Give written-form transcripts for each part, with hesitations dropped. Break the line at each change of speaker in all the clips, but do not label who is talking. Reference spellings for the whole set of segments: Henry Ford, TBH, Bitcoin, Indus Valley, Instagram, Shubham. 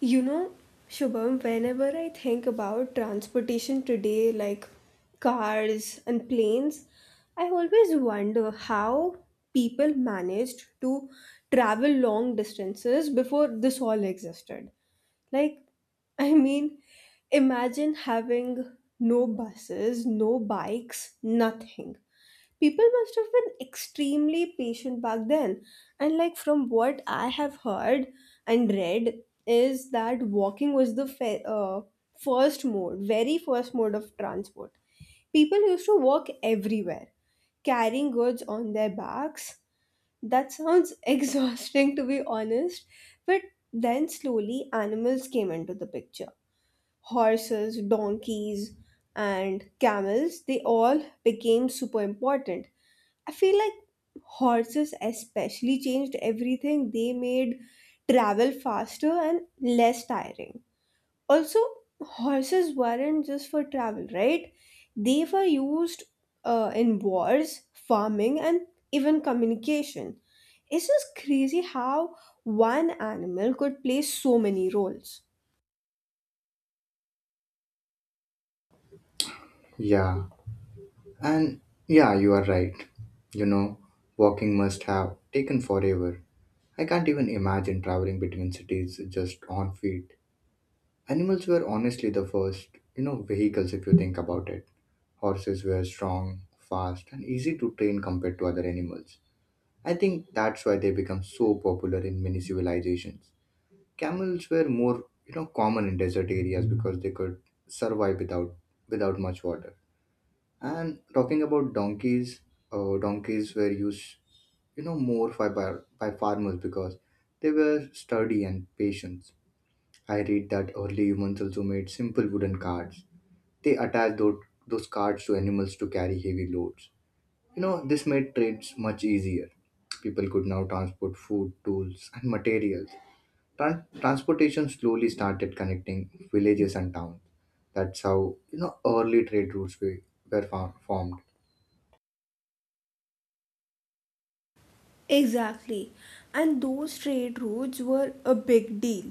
You know, Shubham, whenever I think about transportation today, like cars and planes, I always wonder how people managed to travel long distances before this all existed. Like, I mean, imagine having no buses, no bikes, nothing. People must have been extremely patient back then, and like from what I have heard and read is that walking was the fe- first mode very first mode of transport. People used to walk everywhere carrying goods on their backs. That sounds exhausting to be honest, but then slowly animals came into the picture. Horses, donkeys, and camels, they all became super important. I feel like horses especially changed everything. They made travel faster and less tiring. Also, horses weren't just for travel, right? They were used in wars, farming, and even communication. It's just crazy how one animal could play so many roles.
Yeah, and yeah, you are right. You know, Walking must have taken forever. I can't even imagine traveling between cities just on feet. Animals were honestly the first, vehicles if you think about it. Horses were strong, fast, and easy to train compared to other animals. I think that's why they become so popular in many civilizations. Camels were more, common in desert areas because they could survive without much water. And talking about donkeys, donkeys were used, more by farmers because they were sturdy and patient. I read that early humans also made simple wooden carts. They attached those carts to animals to carry heavy loads. This made trades much easier. People could now transport food, tools, and materials. Transportation slowly started connecting villages and towns. That's how, early trade routes were formed.
Exactly. And those trade routes were a big deal.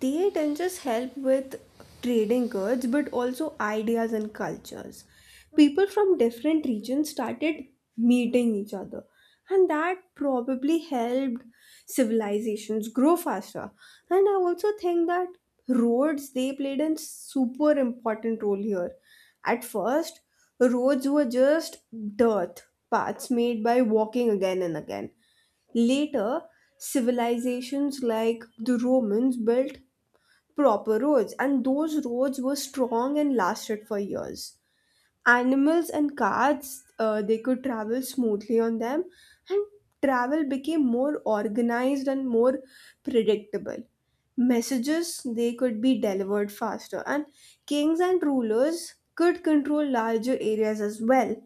They didn't just help with trading goods but also ideas and cultures. People from different regions started meeting each other, and that probably helped civilizations grow faster. And I also think that roads, they played a super important role here. At first, roads were just dirt paths made by walking again and again. Later, civilizations like the Romans built proper roads, and those roads were strong and lasted for years. Animals and carts, they could travel smoothly on them, and travel became more organized and more predictable. Messages, they could be delivered faster, and kings and rulers could control larger areas as well,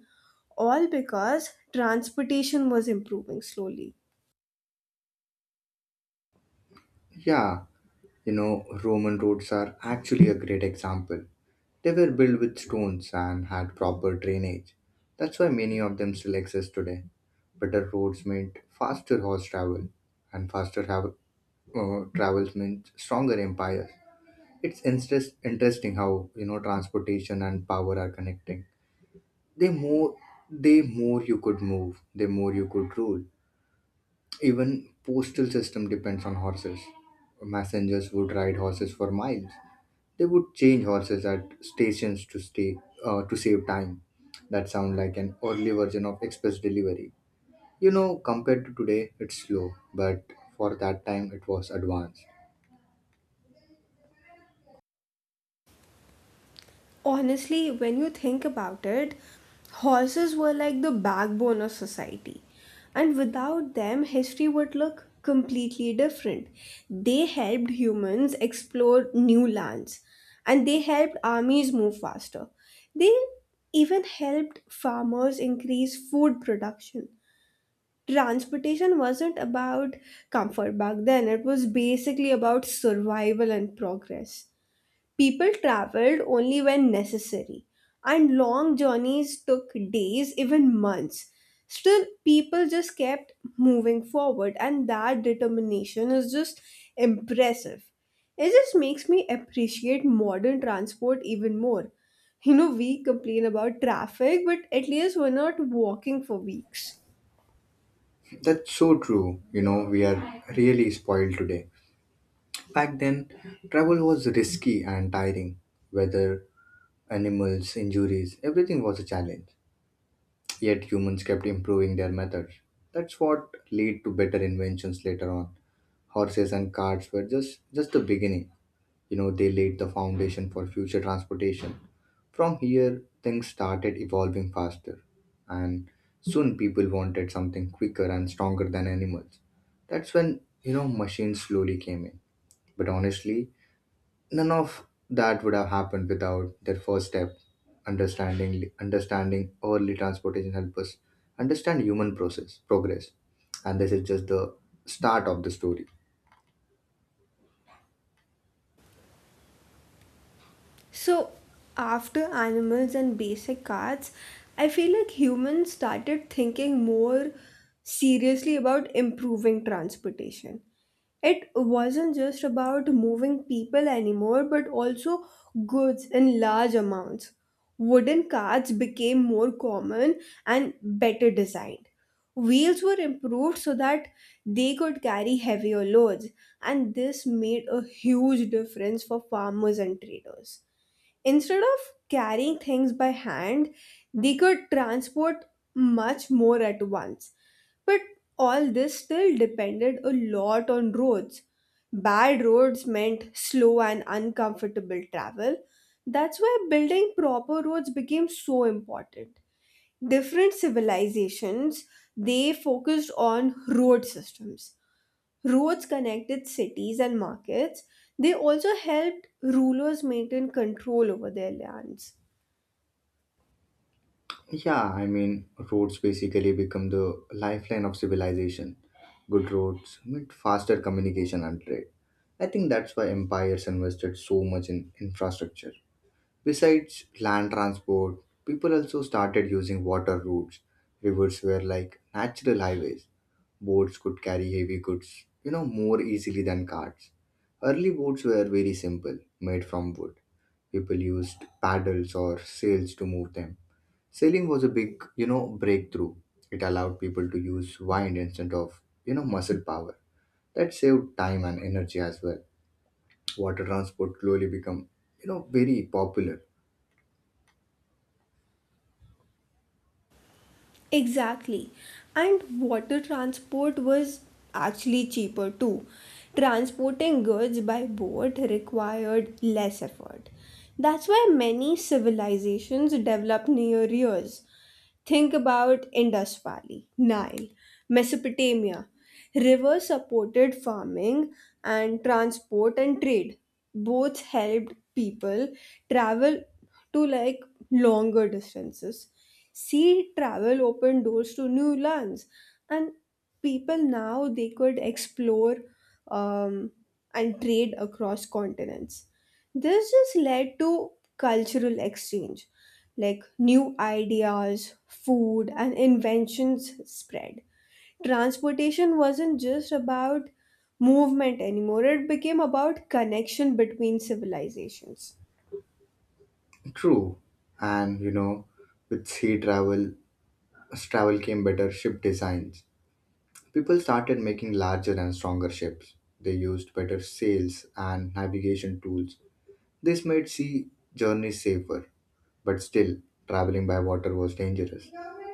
all because transportation was improving slowly.
Yeah. Roman roads are actually a great example. They were built with stones and had proper drainage. That's why many of them still exist today. Better roads meant faster horse travel, and faster travels meant stronger empires. It's interesting how transportation and power are connecting. The more, the more you could move, the more you could rule. Even postal system depends on horses. Messengers would ride horses for miles. They would change horses at stations to save time. That sound like an early version of express delivery. Compared to today, it's slow, but for that time, it was advanced.
Honestly, when you think about it, horses were like the backbone of society. And without them, history would look completely different. They helped humans explore new lands, and they helped armies move faster. They even helped farmers increase food production. Transportation wasn't about comfort back then, it was basically about survival and progress. People traveled only when necessary, and long journeys took days, even months. Still, people just kept moving forward, and that determination is just impressive. It just makes me appreciate modern transport even more. You know, we complain about traffic, but at least we're not walking for weeks.
That's so true. We are really spoiled today. Back then, travel was risky and tiring. Weather, animals, injuries, everything was a challenge. Yet humans kept improving their methods. That's what led to better inventions later on. Horses and carts were just the beginning. They laid the foundation for future transportation. From here, things started evolving faster, and soon people wanted something quicker and stronger than animals. That's when machines slowly came in. But honestly, none of that would have happened without their first step. Understanding early transportation help us understand human process progress. And this is just the start of the story.
So, after animals and basic arts, I feel like humans started thinking more seriously about improving transportation. It wasn't just about moving people anymore, but also goods in large amounts. Wooden carts became more common and better designed. Wheels were improved so that they could carry heavier loads, and this made a huge difference for farmers and traders. Instead of carrying things by hand, they could transport much more at once. But all this still depended a lot on roads. Bad roads meant slow and uncomfortable travel. That's why building proper roads became so important. Different civilizations, they focused on road systems. Roads connected cities and markets. They also helped rulers maintain control over their lands.
Yeah, I mean, roads basically become the lifeline of civilization. Good roads meant faster communication and trade. I think that's why empires invested so much in infrastructure. Besides land transport, people also started using water routes. Rivers were like natural highways. Boats could carry heavy goods, more easily than carts. Early boats were very simple, made from wood. People used paddles or sails to move them. Sailing was a big, breakthrough. It allowed people to use wind instead of, muscle power. That saved time and energy as well. Water transport slowly become, very popular.
Exactly. And water transport was actually cheaper too. Transporting goods by boat required less effort. That's why many civilizations developed near rivers. Think about Indus Valley, Nile, Mesopotamia. Rivers supported farming and transport and trade. Both helped people travel to, like, longer distances. Sea travel opened doors to new lands, and people now, they could explore, um, and trade across continents. This just led to cultural exchange, like new ideas, food, and inventions spread. Transportation wasn't just about movement anymore, it became about connection between civilizations.
True, and with sea travel, as travel came better ship designs. People started making larger and stronger ships. They used better sails and navigation tools. This made sea journeys safer. But still, traveling by water was dangerous.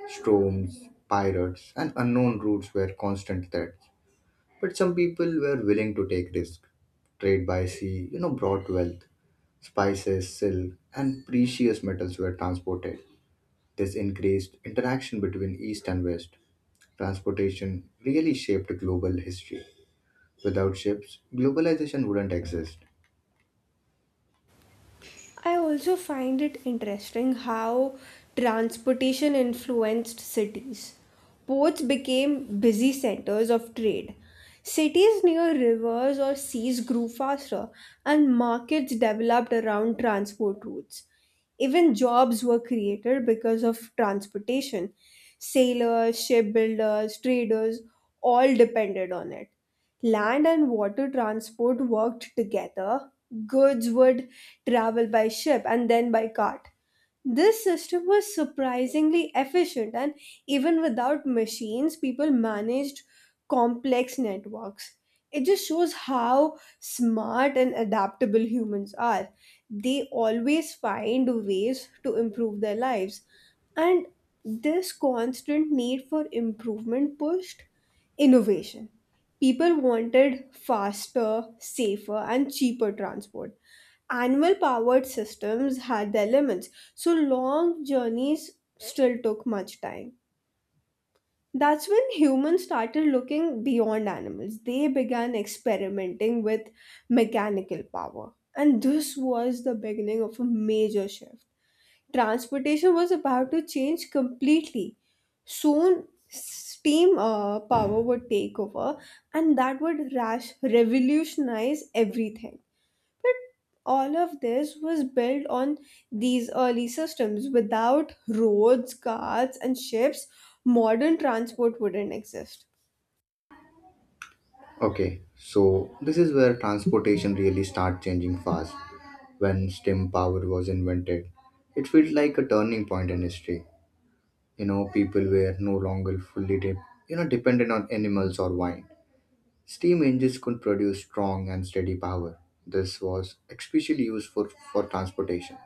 Storms, pirates, and unknown routes were constant threats. But some people were willing to take risks. Trade by sea, brought wealth. Spices, silk, and precious metals were transported. This increased interaction between East and West. Transportation really shaped global history. Without ships, globalization wouldn't exist.
I also find it interesting how transportation influenced cities. Ports became busy centers of trade. Cities near rivers or seas grew faster, and markets developed around transport routes. Even jobs were created because of transportation. Sailors, shipbuilders, traders, all depended on it. Land and water transport worked together. Goods would travel by ship and then by cart. This system was surprisingly efficient, and even without machines, people managed complex networks. It just shows how smart and adaptable humans are. They always find ways to improve their lives. And this constant need for improvement pushed innovation. People wanted faster, safer, and cheaper transport. Animal powered systems had their limits, so long journeys still took much time. That's when humans started looking beyond animals. They began experimenting with mechanical power. And this was the beginning of a major shift. Transportation was about to change completely. Soon, steam power would take over, and that would rash revolutionize everything. But all of this was built on these early systems. Without roads, carts, and ships, modern transport wouldn't exist.
Okay, so this is where transportation really started changing fast. When steam power was invented, it felt like a turning point in history. People were no longer fully dependent on animals or wine. Steam engines could produce strong and steady power. This was especially used for transportation.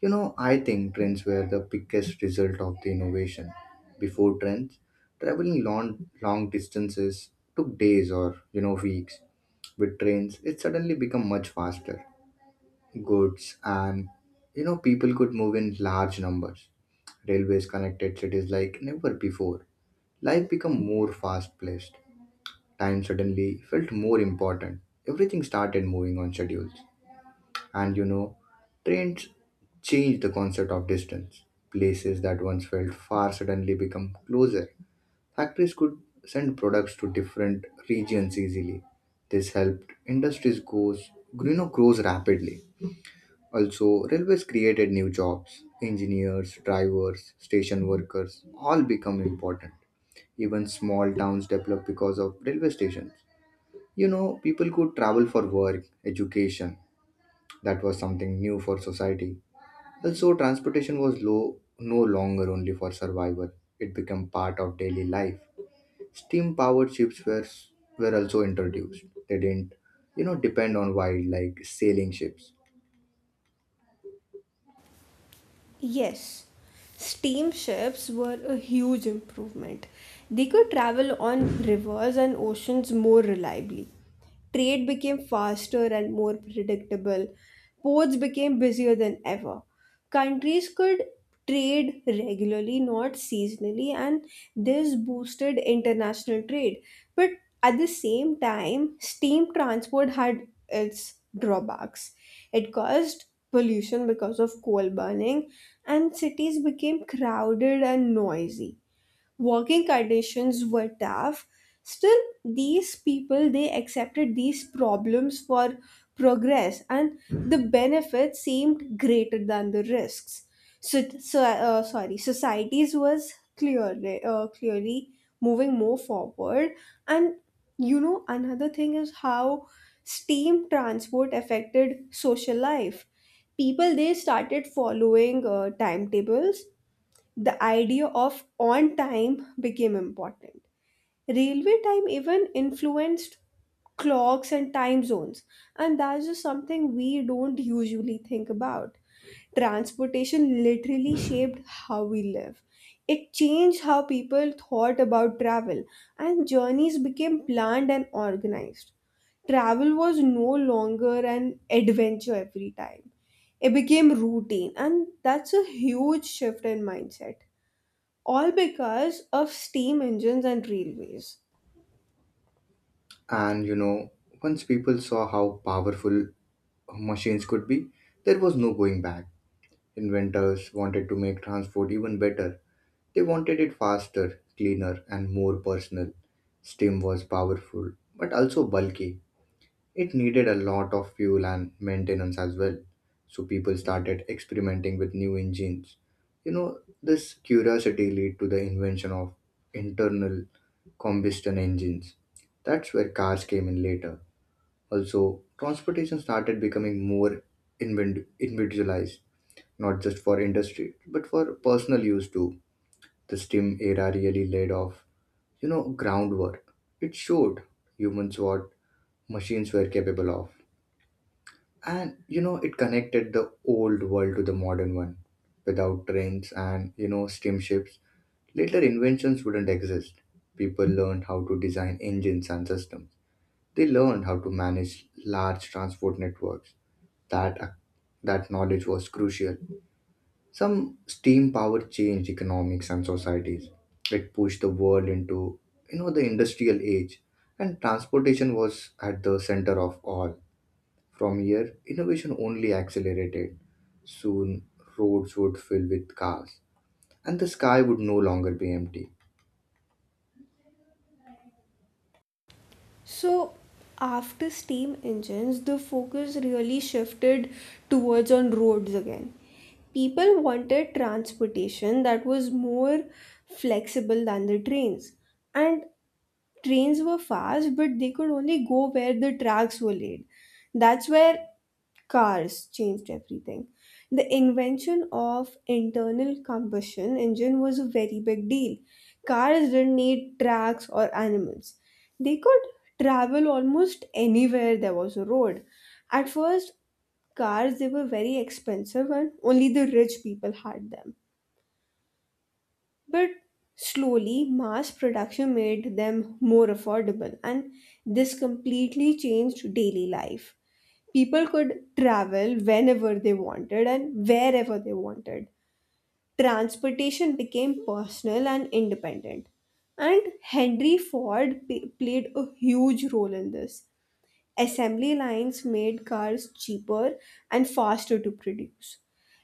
I think trends were the biggest result of the innovation. Before trends, traveling long, long distances took days or, weeks. With trains, it suddenly became much faster. Goods and, people could move in large numbers. Railways connected cities like never before. Life became more fast-paced. Time suddenly felt more important. Everything started moving on schedules. And trains change the concept of distance. Places that once felt far suddenly become closer. Factories could send products to different regions easily. This helped industries grows rapidly. Also, railways created new jobs. Engineers, drivers, station workers all become important. Even small towns developed because of railway stations. People could travel for work, education. That was something new for society. Also, transportation was low no longer only for survival; it became part of daily life. Steam-powered ships were also introduced. They didn't, depend on wild like sailing ships.
Yes, steamships were a huge improvement. They could travel on rivers and oceans more reliably. Trade became faster and more predictable. Ports became busier than ever. Countries could trade regularly, not seasonally, and this boosted international trade. But at the same time, steam transport had its drawbacks. It caused pollution because of coal burning, and cities became crowded and noisy, working conditions were tough. Still, these people, they accepted these problems for progress, and the benefits seemed greater than the risks. So, sorry, societies was clearly moving more forward. And you know, another thing is how steam transport affected social life. People, they started following timetables. The idea of on time became important. Railway time even influenced clocks and time zones, and that's just something we don't usually think about. Transportation literally shaped how we live. It changed how people thought about travel, and journeys became planned and organized. Travel was no longer an adventure every time, it became routine, and that's a huge shift in mindset, all because of steam engines and railways.
And once people saw how powerful machines could be, there was no going back. Inventors wanted to make transport even better. They wanted it faster, cleaner, and more personal. Steam was powerful, but also bulky. It needed a lot of fuel and maintenance as well. So people started experimenting with new engines. This curiosity led to the invention of internal combustion engines. That's where cars came in later. Also, transportation started becoming more individualized, not just for industry, but for personal use too. The STEAM era really laid off, groundwork. It showed humans what machines were capable of. And it connected the old world to the modern one. Without trains and steamships, later inventions wouldn't exist. People learned how to design engines and systems. They learned how to manage large transport networks. That ac- that knowledge was crucial. Some steam power changed economics and societies. It pushed the world into the industrial age, and transportation was at the center of all. From here, innovation only accelerated. Soon, roads would fill with cars, and the sky would no longer be empty.
So after steam engines, the focus really shifted towards on roads again. People wanted transportation that was more flexible than the trains. And trains were fast, but they could only go where the tracks were laid. That's where cars changed everything. The invention of internal combustion engine was a very big deal. Cars didn't need tracks or animals. They could travel almost anywhere there was a road. At first, cars, they were very expensive and only the rich people had them, but slowly, mass production made them more affordable, and this completely changed daily life. People could travel whenever they wanted and wherever they wanted. Transportation became personal and independent. And Henry Ford played a huge role in this. Assembly lines made cars cheaper and faster to produce.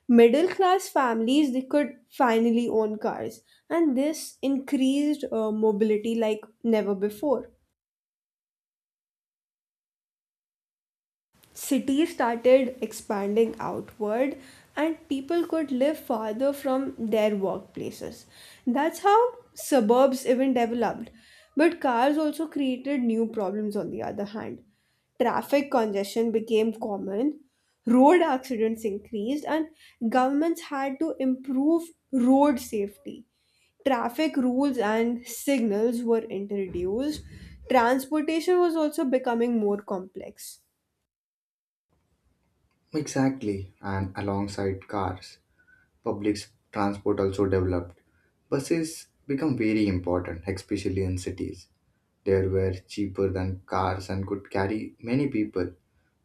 Middle class families, they could finally own cars, and this increased mobility like never before. Cities started expanding outward and people could live farther from their workplaces. That's how suburbs even developed. But cars also created new problems on the other hand. Traffic congestion became common, road accidents increased, and governments had to improve road safety. Traffic rules and signals were introduced, transportation was also becoming more complex.
Exactly, and alongside cars, public transport also developed. Buses become very important, especially in cities. They were cheaper than cars and could carry many people.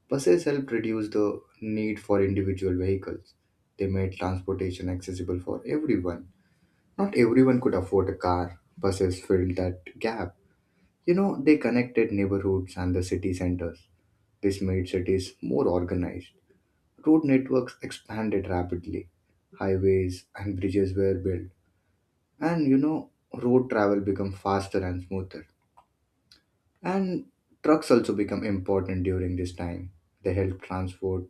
Buses helped reduce the need for individual vehicles. They made transportation accessible for everyone. Not everyone could afford a car. Buses filled that gap. They connected neighborhoods and the city centers. This made cities more organized. Road networks expanded rapidly. Highways and bridges were built. And road travel became faster and smoother. And trucks also become important during this time. They help transport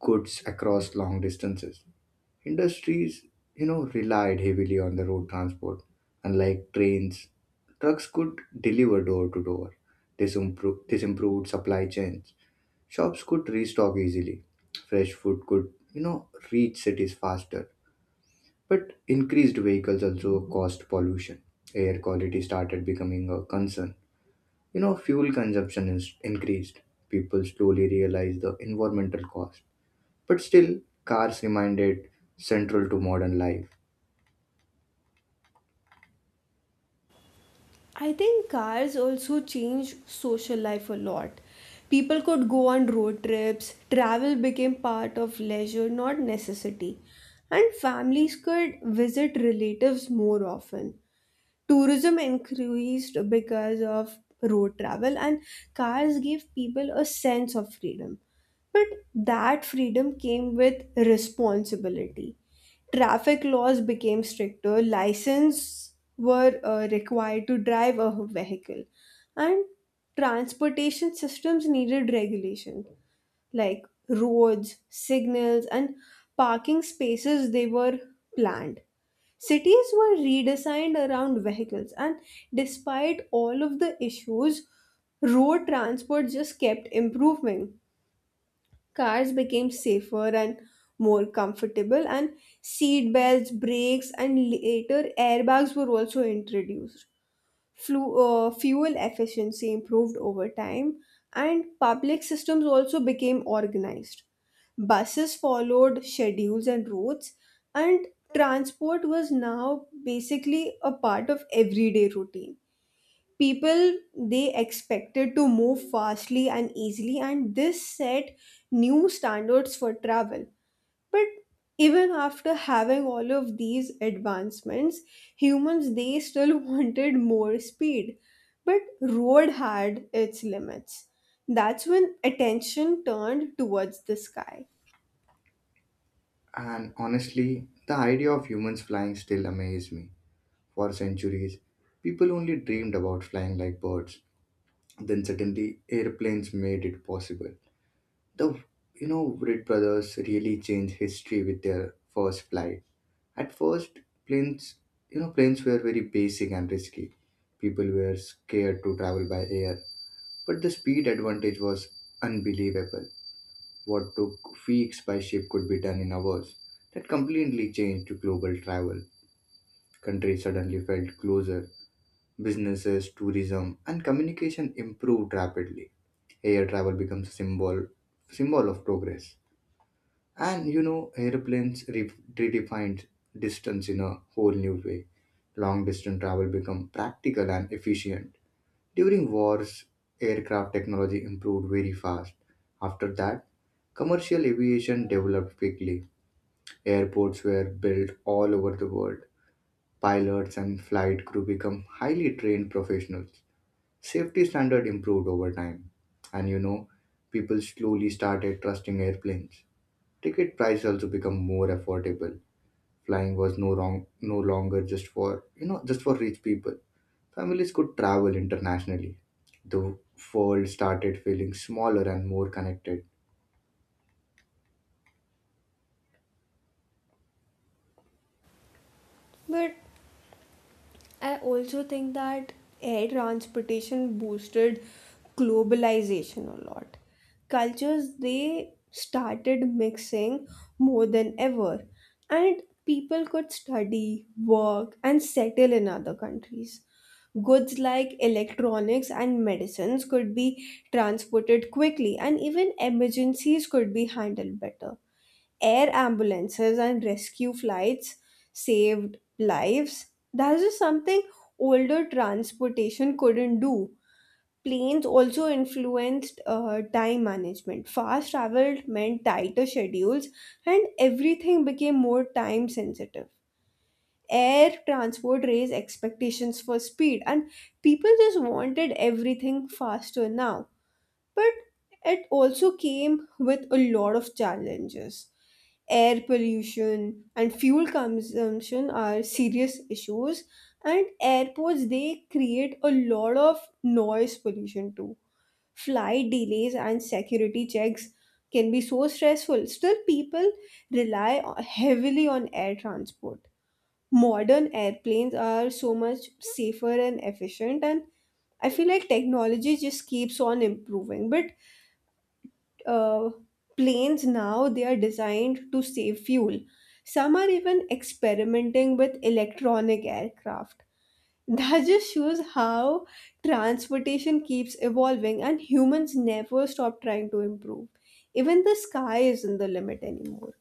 goods across long distances. Industries, relied heavily on the road transport. Unlike trains, trucks could deliver door to door. This improved supply chains. Shops could restock easily. Fresh food could, reach cities faster. But increased vehicles also caused pollution. Air quality started becoming a concern. Fuel consumption is increased. People slowly realized the environmental cost. But still, cars remained central to modern life.
I think cars also changed social life a lot. People could go on road trips, travel became part of leisure, not necessity, and families could visit relatives more often. Tourism increased because of road travel, and cars gave people a sense of freedom. But that freedom came with responsibility. Traffic laws became stricter, license were required to drive a vehicle, and transportation systems needed regulation. Like roads, signals, and parking spaces, they were planned. Cities were redesigned around vehicles, and despite all of the issues, road transport just kept improving. Cars became safer and more comfortable, and seat belts, brakes, and later airbags were also introduced. Fuel efficiency improved over time, and public systems also became organized. Buses followed schedules and routes, and transport was now basically a part of everyday routine. People, they expected to move fastly and easily, and this set new standards for travel. But even after having all of these advancements, humans, they still wanted more speed. But road had its limits. That's when attention turned towards the sky.
And honestly, the idea of humans flying still amazes me. For centuries, people only dreamed about flying like birds. Then suddenly, airplanes made it possible. The Wright brothers really changed history with their first flight. At first, planes you know planes were very basic and risky. People were scared to travel by air, but the speed advantage was unbelievable. What took weeks by ship could be done in hours. That completely changed global travel. Countries suddenly felt closer. Businesses, tourism, and communication improved rapidly. Air travel becomes a symbol of progress. And airplanes redefined distance in a whole new way. Long distance travel become practical and efficient during wars, aircraft technology improved very fast. After that, commercial aviation developed quickly. Airports were built all over the world. Pilots and flight crew become highly trained professionals. Safety standard improved over time. And people slowly started trusting airplanes. Ticket price also become more affordable. Flying was no longer just for just for rich people. Families could travel internationally. The world started feeling smaller and more connected.
But I also think that air transportation boosted globalization a lot. Cultures, they started mixing more than ever, and people could study, work, and settle in other countries. Goods like electronics and medicines could be transported quickly, and even emergencies could be handled better. Air ambulances and rescue flights saved lives. That's just something older transportation couldn't do. Planes also influenced time management. Fast travel meant tighter schedules, and everything became more time sensitive. Air transport raised expectations for speed, and people just wanted everything faster now. But it also came with a lot of challenges. Air pollution and fuel consumption are serious issues, and airports, they create a lot of noise pollution too. Flight delays and security checks can be so stressful. Still, people rely heavily on air transport. Modern airplanes are so much safer and efficient, and I feel like technology just keeps on improving. But uh, planes now, they are designed to save fuel. Some are even experimenting with electronic aircraft. That just shows how transportation keeps evolving and humans never stop trying to improve. Even the sky isn't the limit anymore.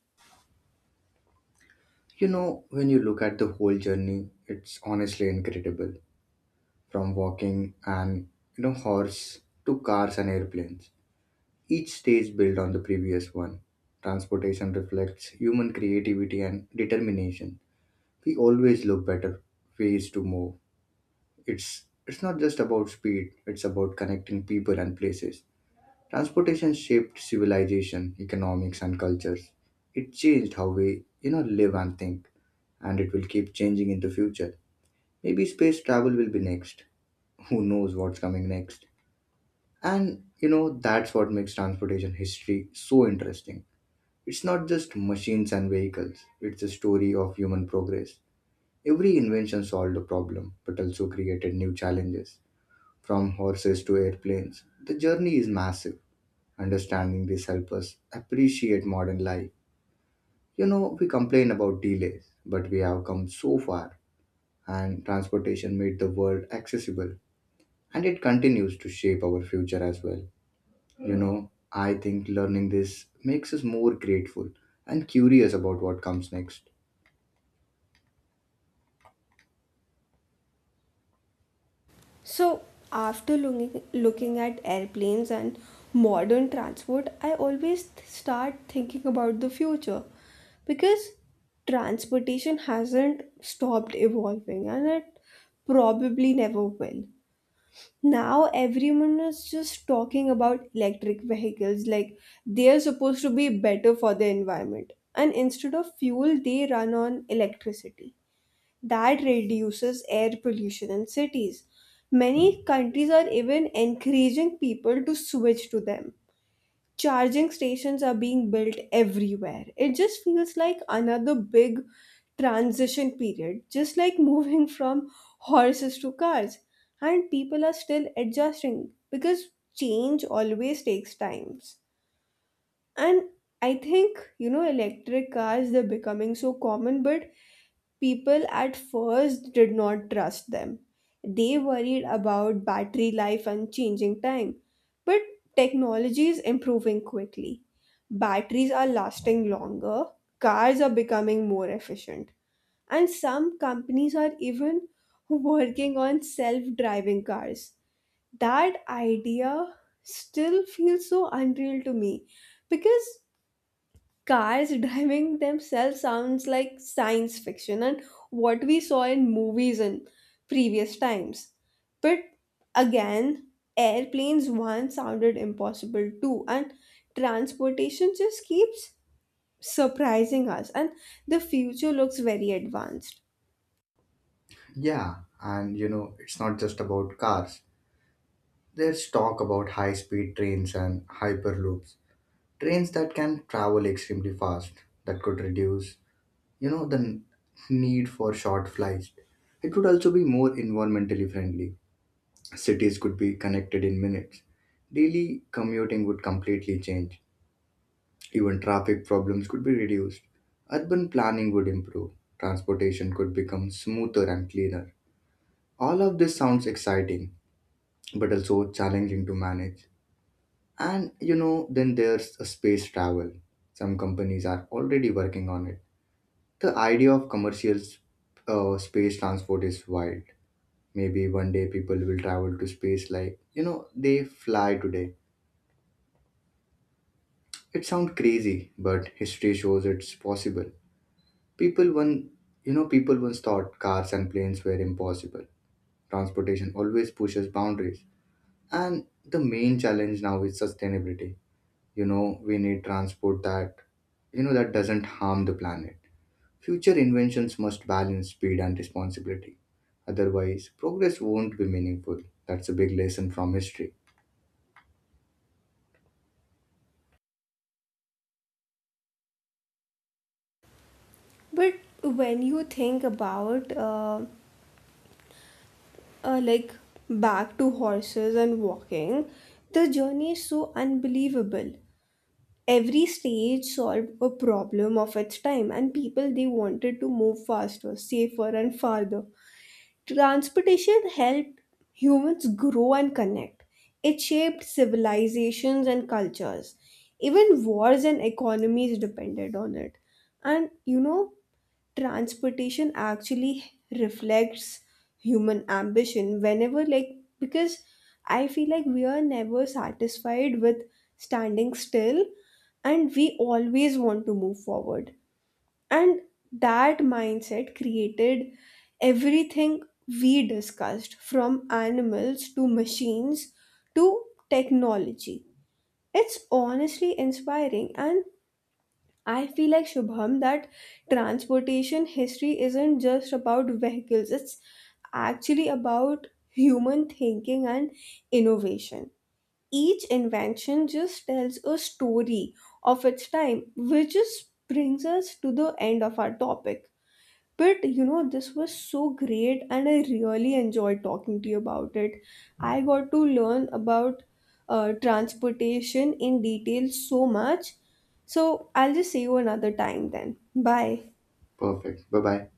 When you look at the whole journey, it's honestly incredible. From walking and, horse to cars and airplanes. Each stage built on the previous one. Transportation reflects human creativity and determination. We always look better ways to move. It's not just about speed, it's about connecting people and places. Transportation shaped civilization, economics, and cultures. It changed how we, live and think, and it will keep changing in the future. Maybe space travel will be next. Who knows what's coming next? And that's what makes transportation history so interesting. It's not just machines and vehicles, it's a story of human progress. Every invention solved a problem, but also created new challenges. From horses to airplanes, the journey is massive. Understanding this helps us appreciate modern life. We complain about delays, but we have come so far, and transportation made the world accessible, and it continues to shape our future as well. I think learning this makes us more grateful and curious about what comes next.
So, after looking at airplanes and modern transport, I always start thinking about the future because transportation hasn't stopped evolving and it probably never will. Now, everyone is just talking about electric vehicles. Like, they are supposed to be better for the environment, and instead of fuel, they run on electricity. That reduces air pollution in cities. Many countries are even encouraging people to switch to them. Charging stations are being built everywhere. It just feels like another big transition period, just like moving from horses to cars. And people are still adjusting because change always takes times. And I think, you know, electric cars, they're becoming so common, but people at first did not trust them. They worried about battery life and changing time. But technology is improving quickly. Batteries are lasting longer, cars are becoming more efficient, and some companies are even working on self driving cars. That idea still feels so unreal to me because cars driving themselves sounds like science fiction and what we saw in movies in previous times. But again, airplanes once sounded impossible too, and transportation just keeps surprising us, and the future looks very advanced.
Yeah, and it's not just about cars. There's talk about high speed trains and hyperloops, trains that can travel extremely fast, that could reduce the need for short flights. It would also be more environmentally friendly. Cities could be connected in minutes. Daily commuting would completely change. Even traffic problems could be reduced. Urban planning would improve. Transportation could become smoother and cleaner. All of this sounds exciting, but also challenging to manage. And then there's a space travel. Some companies are already working on it. The idea of commercial space transport is wild. Maybe one day people will travel to space like, they fly today. It sounds crazy, but history shows it's possible. People once thought cars and planes were impossible. Transportation always pushes boundaries. And the main challenge now is sustainability. We need transport that doesn't harm the planet. Future inventions must balance speed and responsibility. Otherwise, progress won't be meaningful. That's a big lesson from history.
But when you think about like back to horses and walking, the journey is so unbelievable. Every stage solved a problem of its time, and people, they wanted to move faster, safer, and farther. Transportation helped humans grow and connect. It shaped civilizations and cultures. Even wars and economies depended on it. And you know, transportation actually reflects human ambition. Whenever, like, because I feel like we are never satisfied with standing still, and we always want to move forward, and that mindset created everything we discussed, from animals to machines to technology. It's honestly inspiring, and I feel like, Shubham, that transportation history isn't just about vehicles, it's actually about human thinking and innovation. Each invention just tells a story of its time, which just brings us to the end of our topic. But you know, this was so great, and I really enjoyed talking to you about it. I got to learn about transportation in detail so much. So I'll just see you another time then. Bye.
Perfect. Bye bye.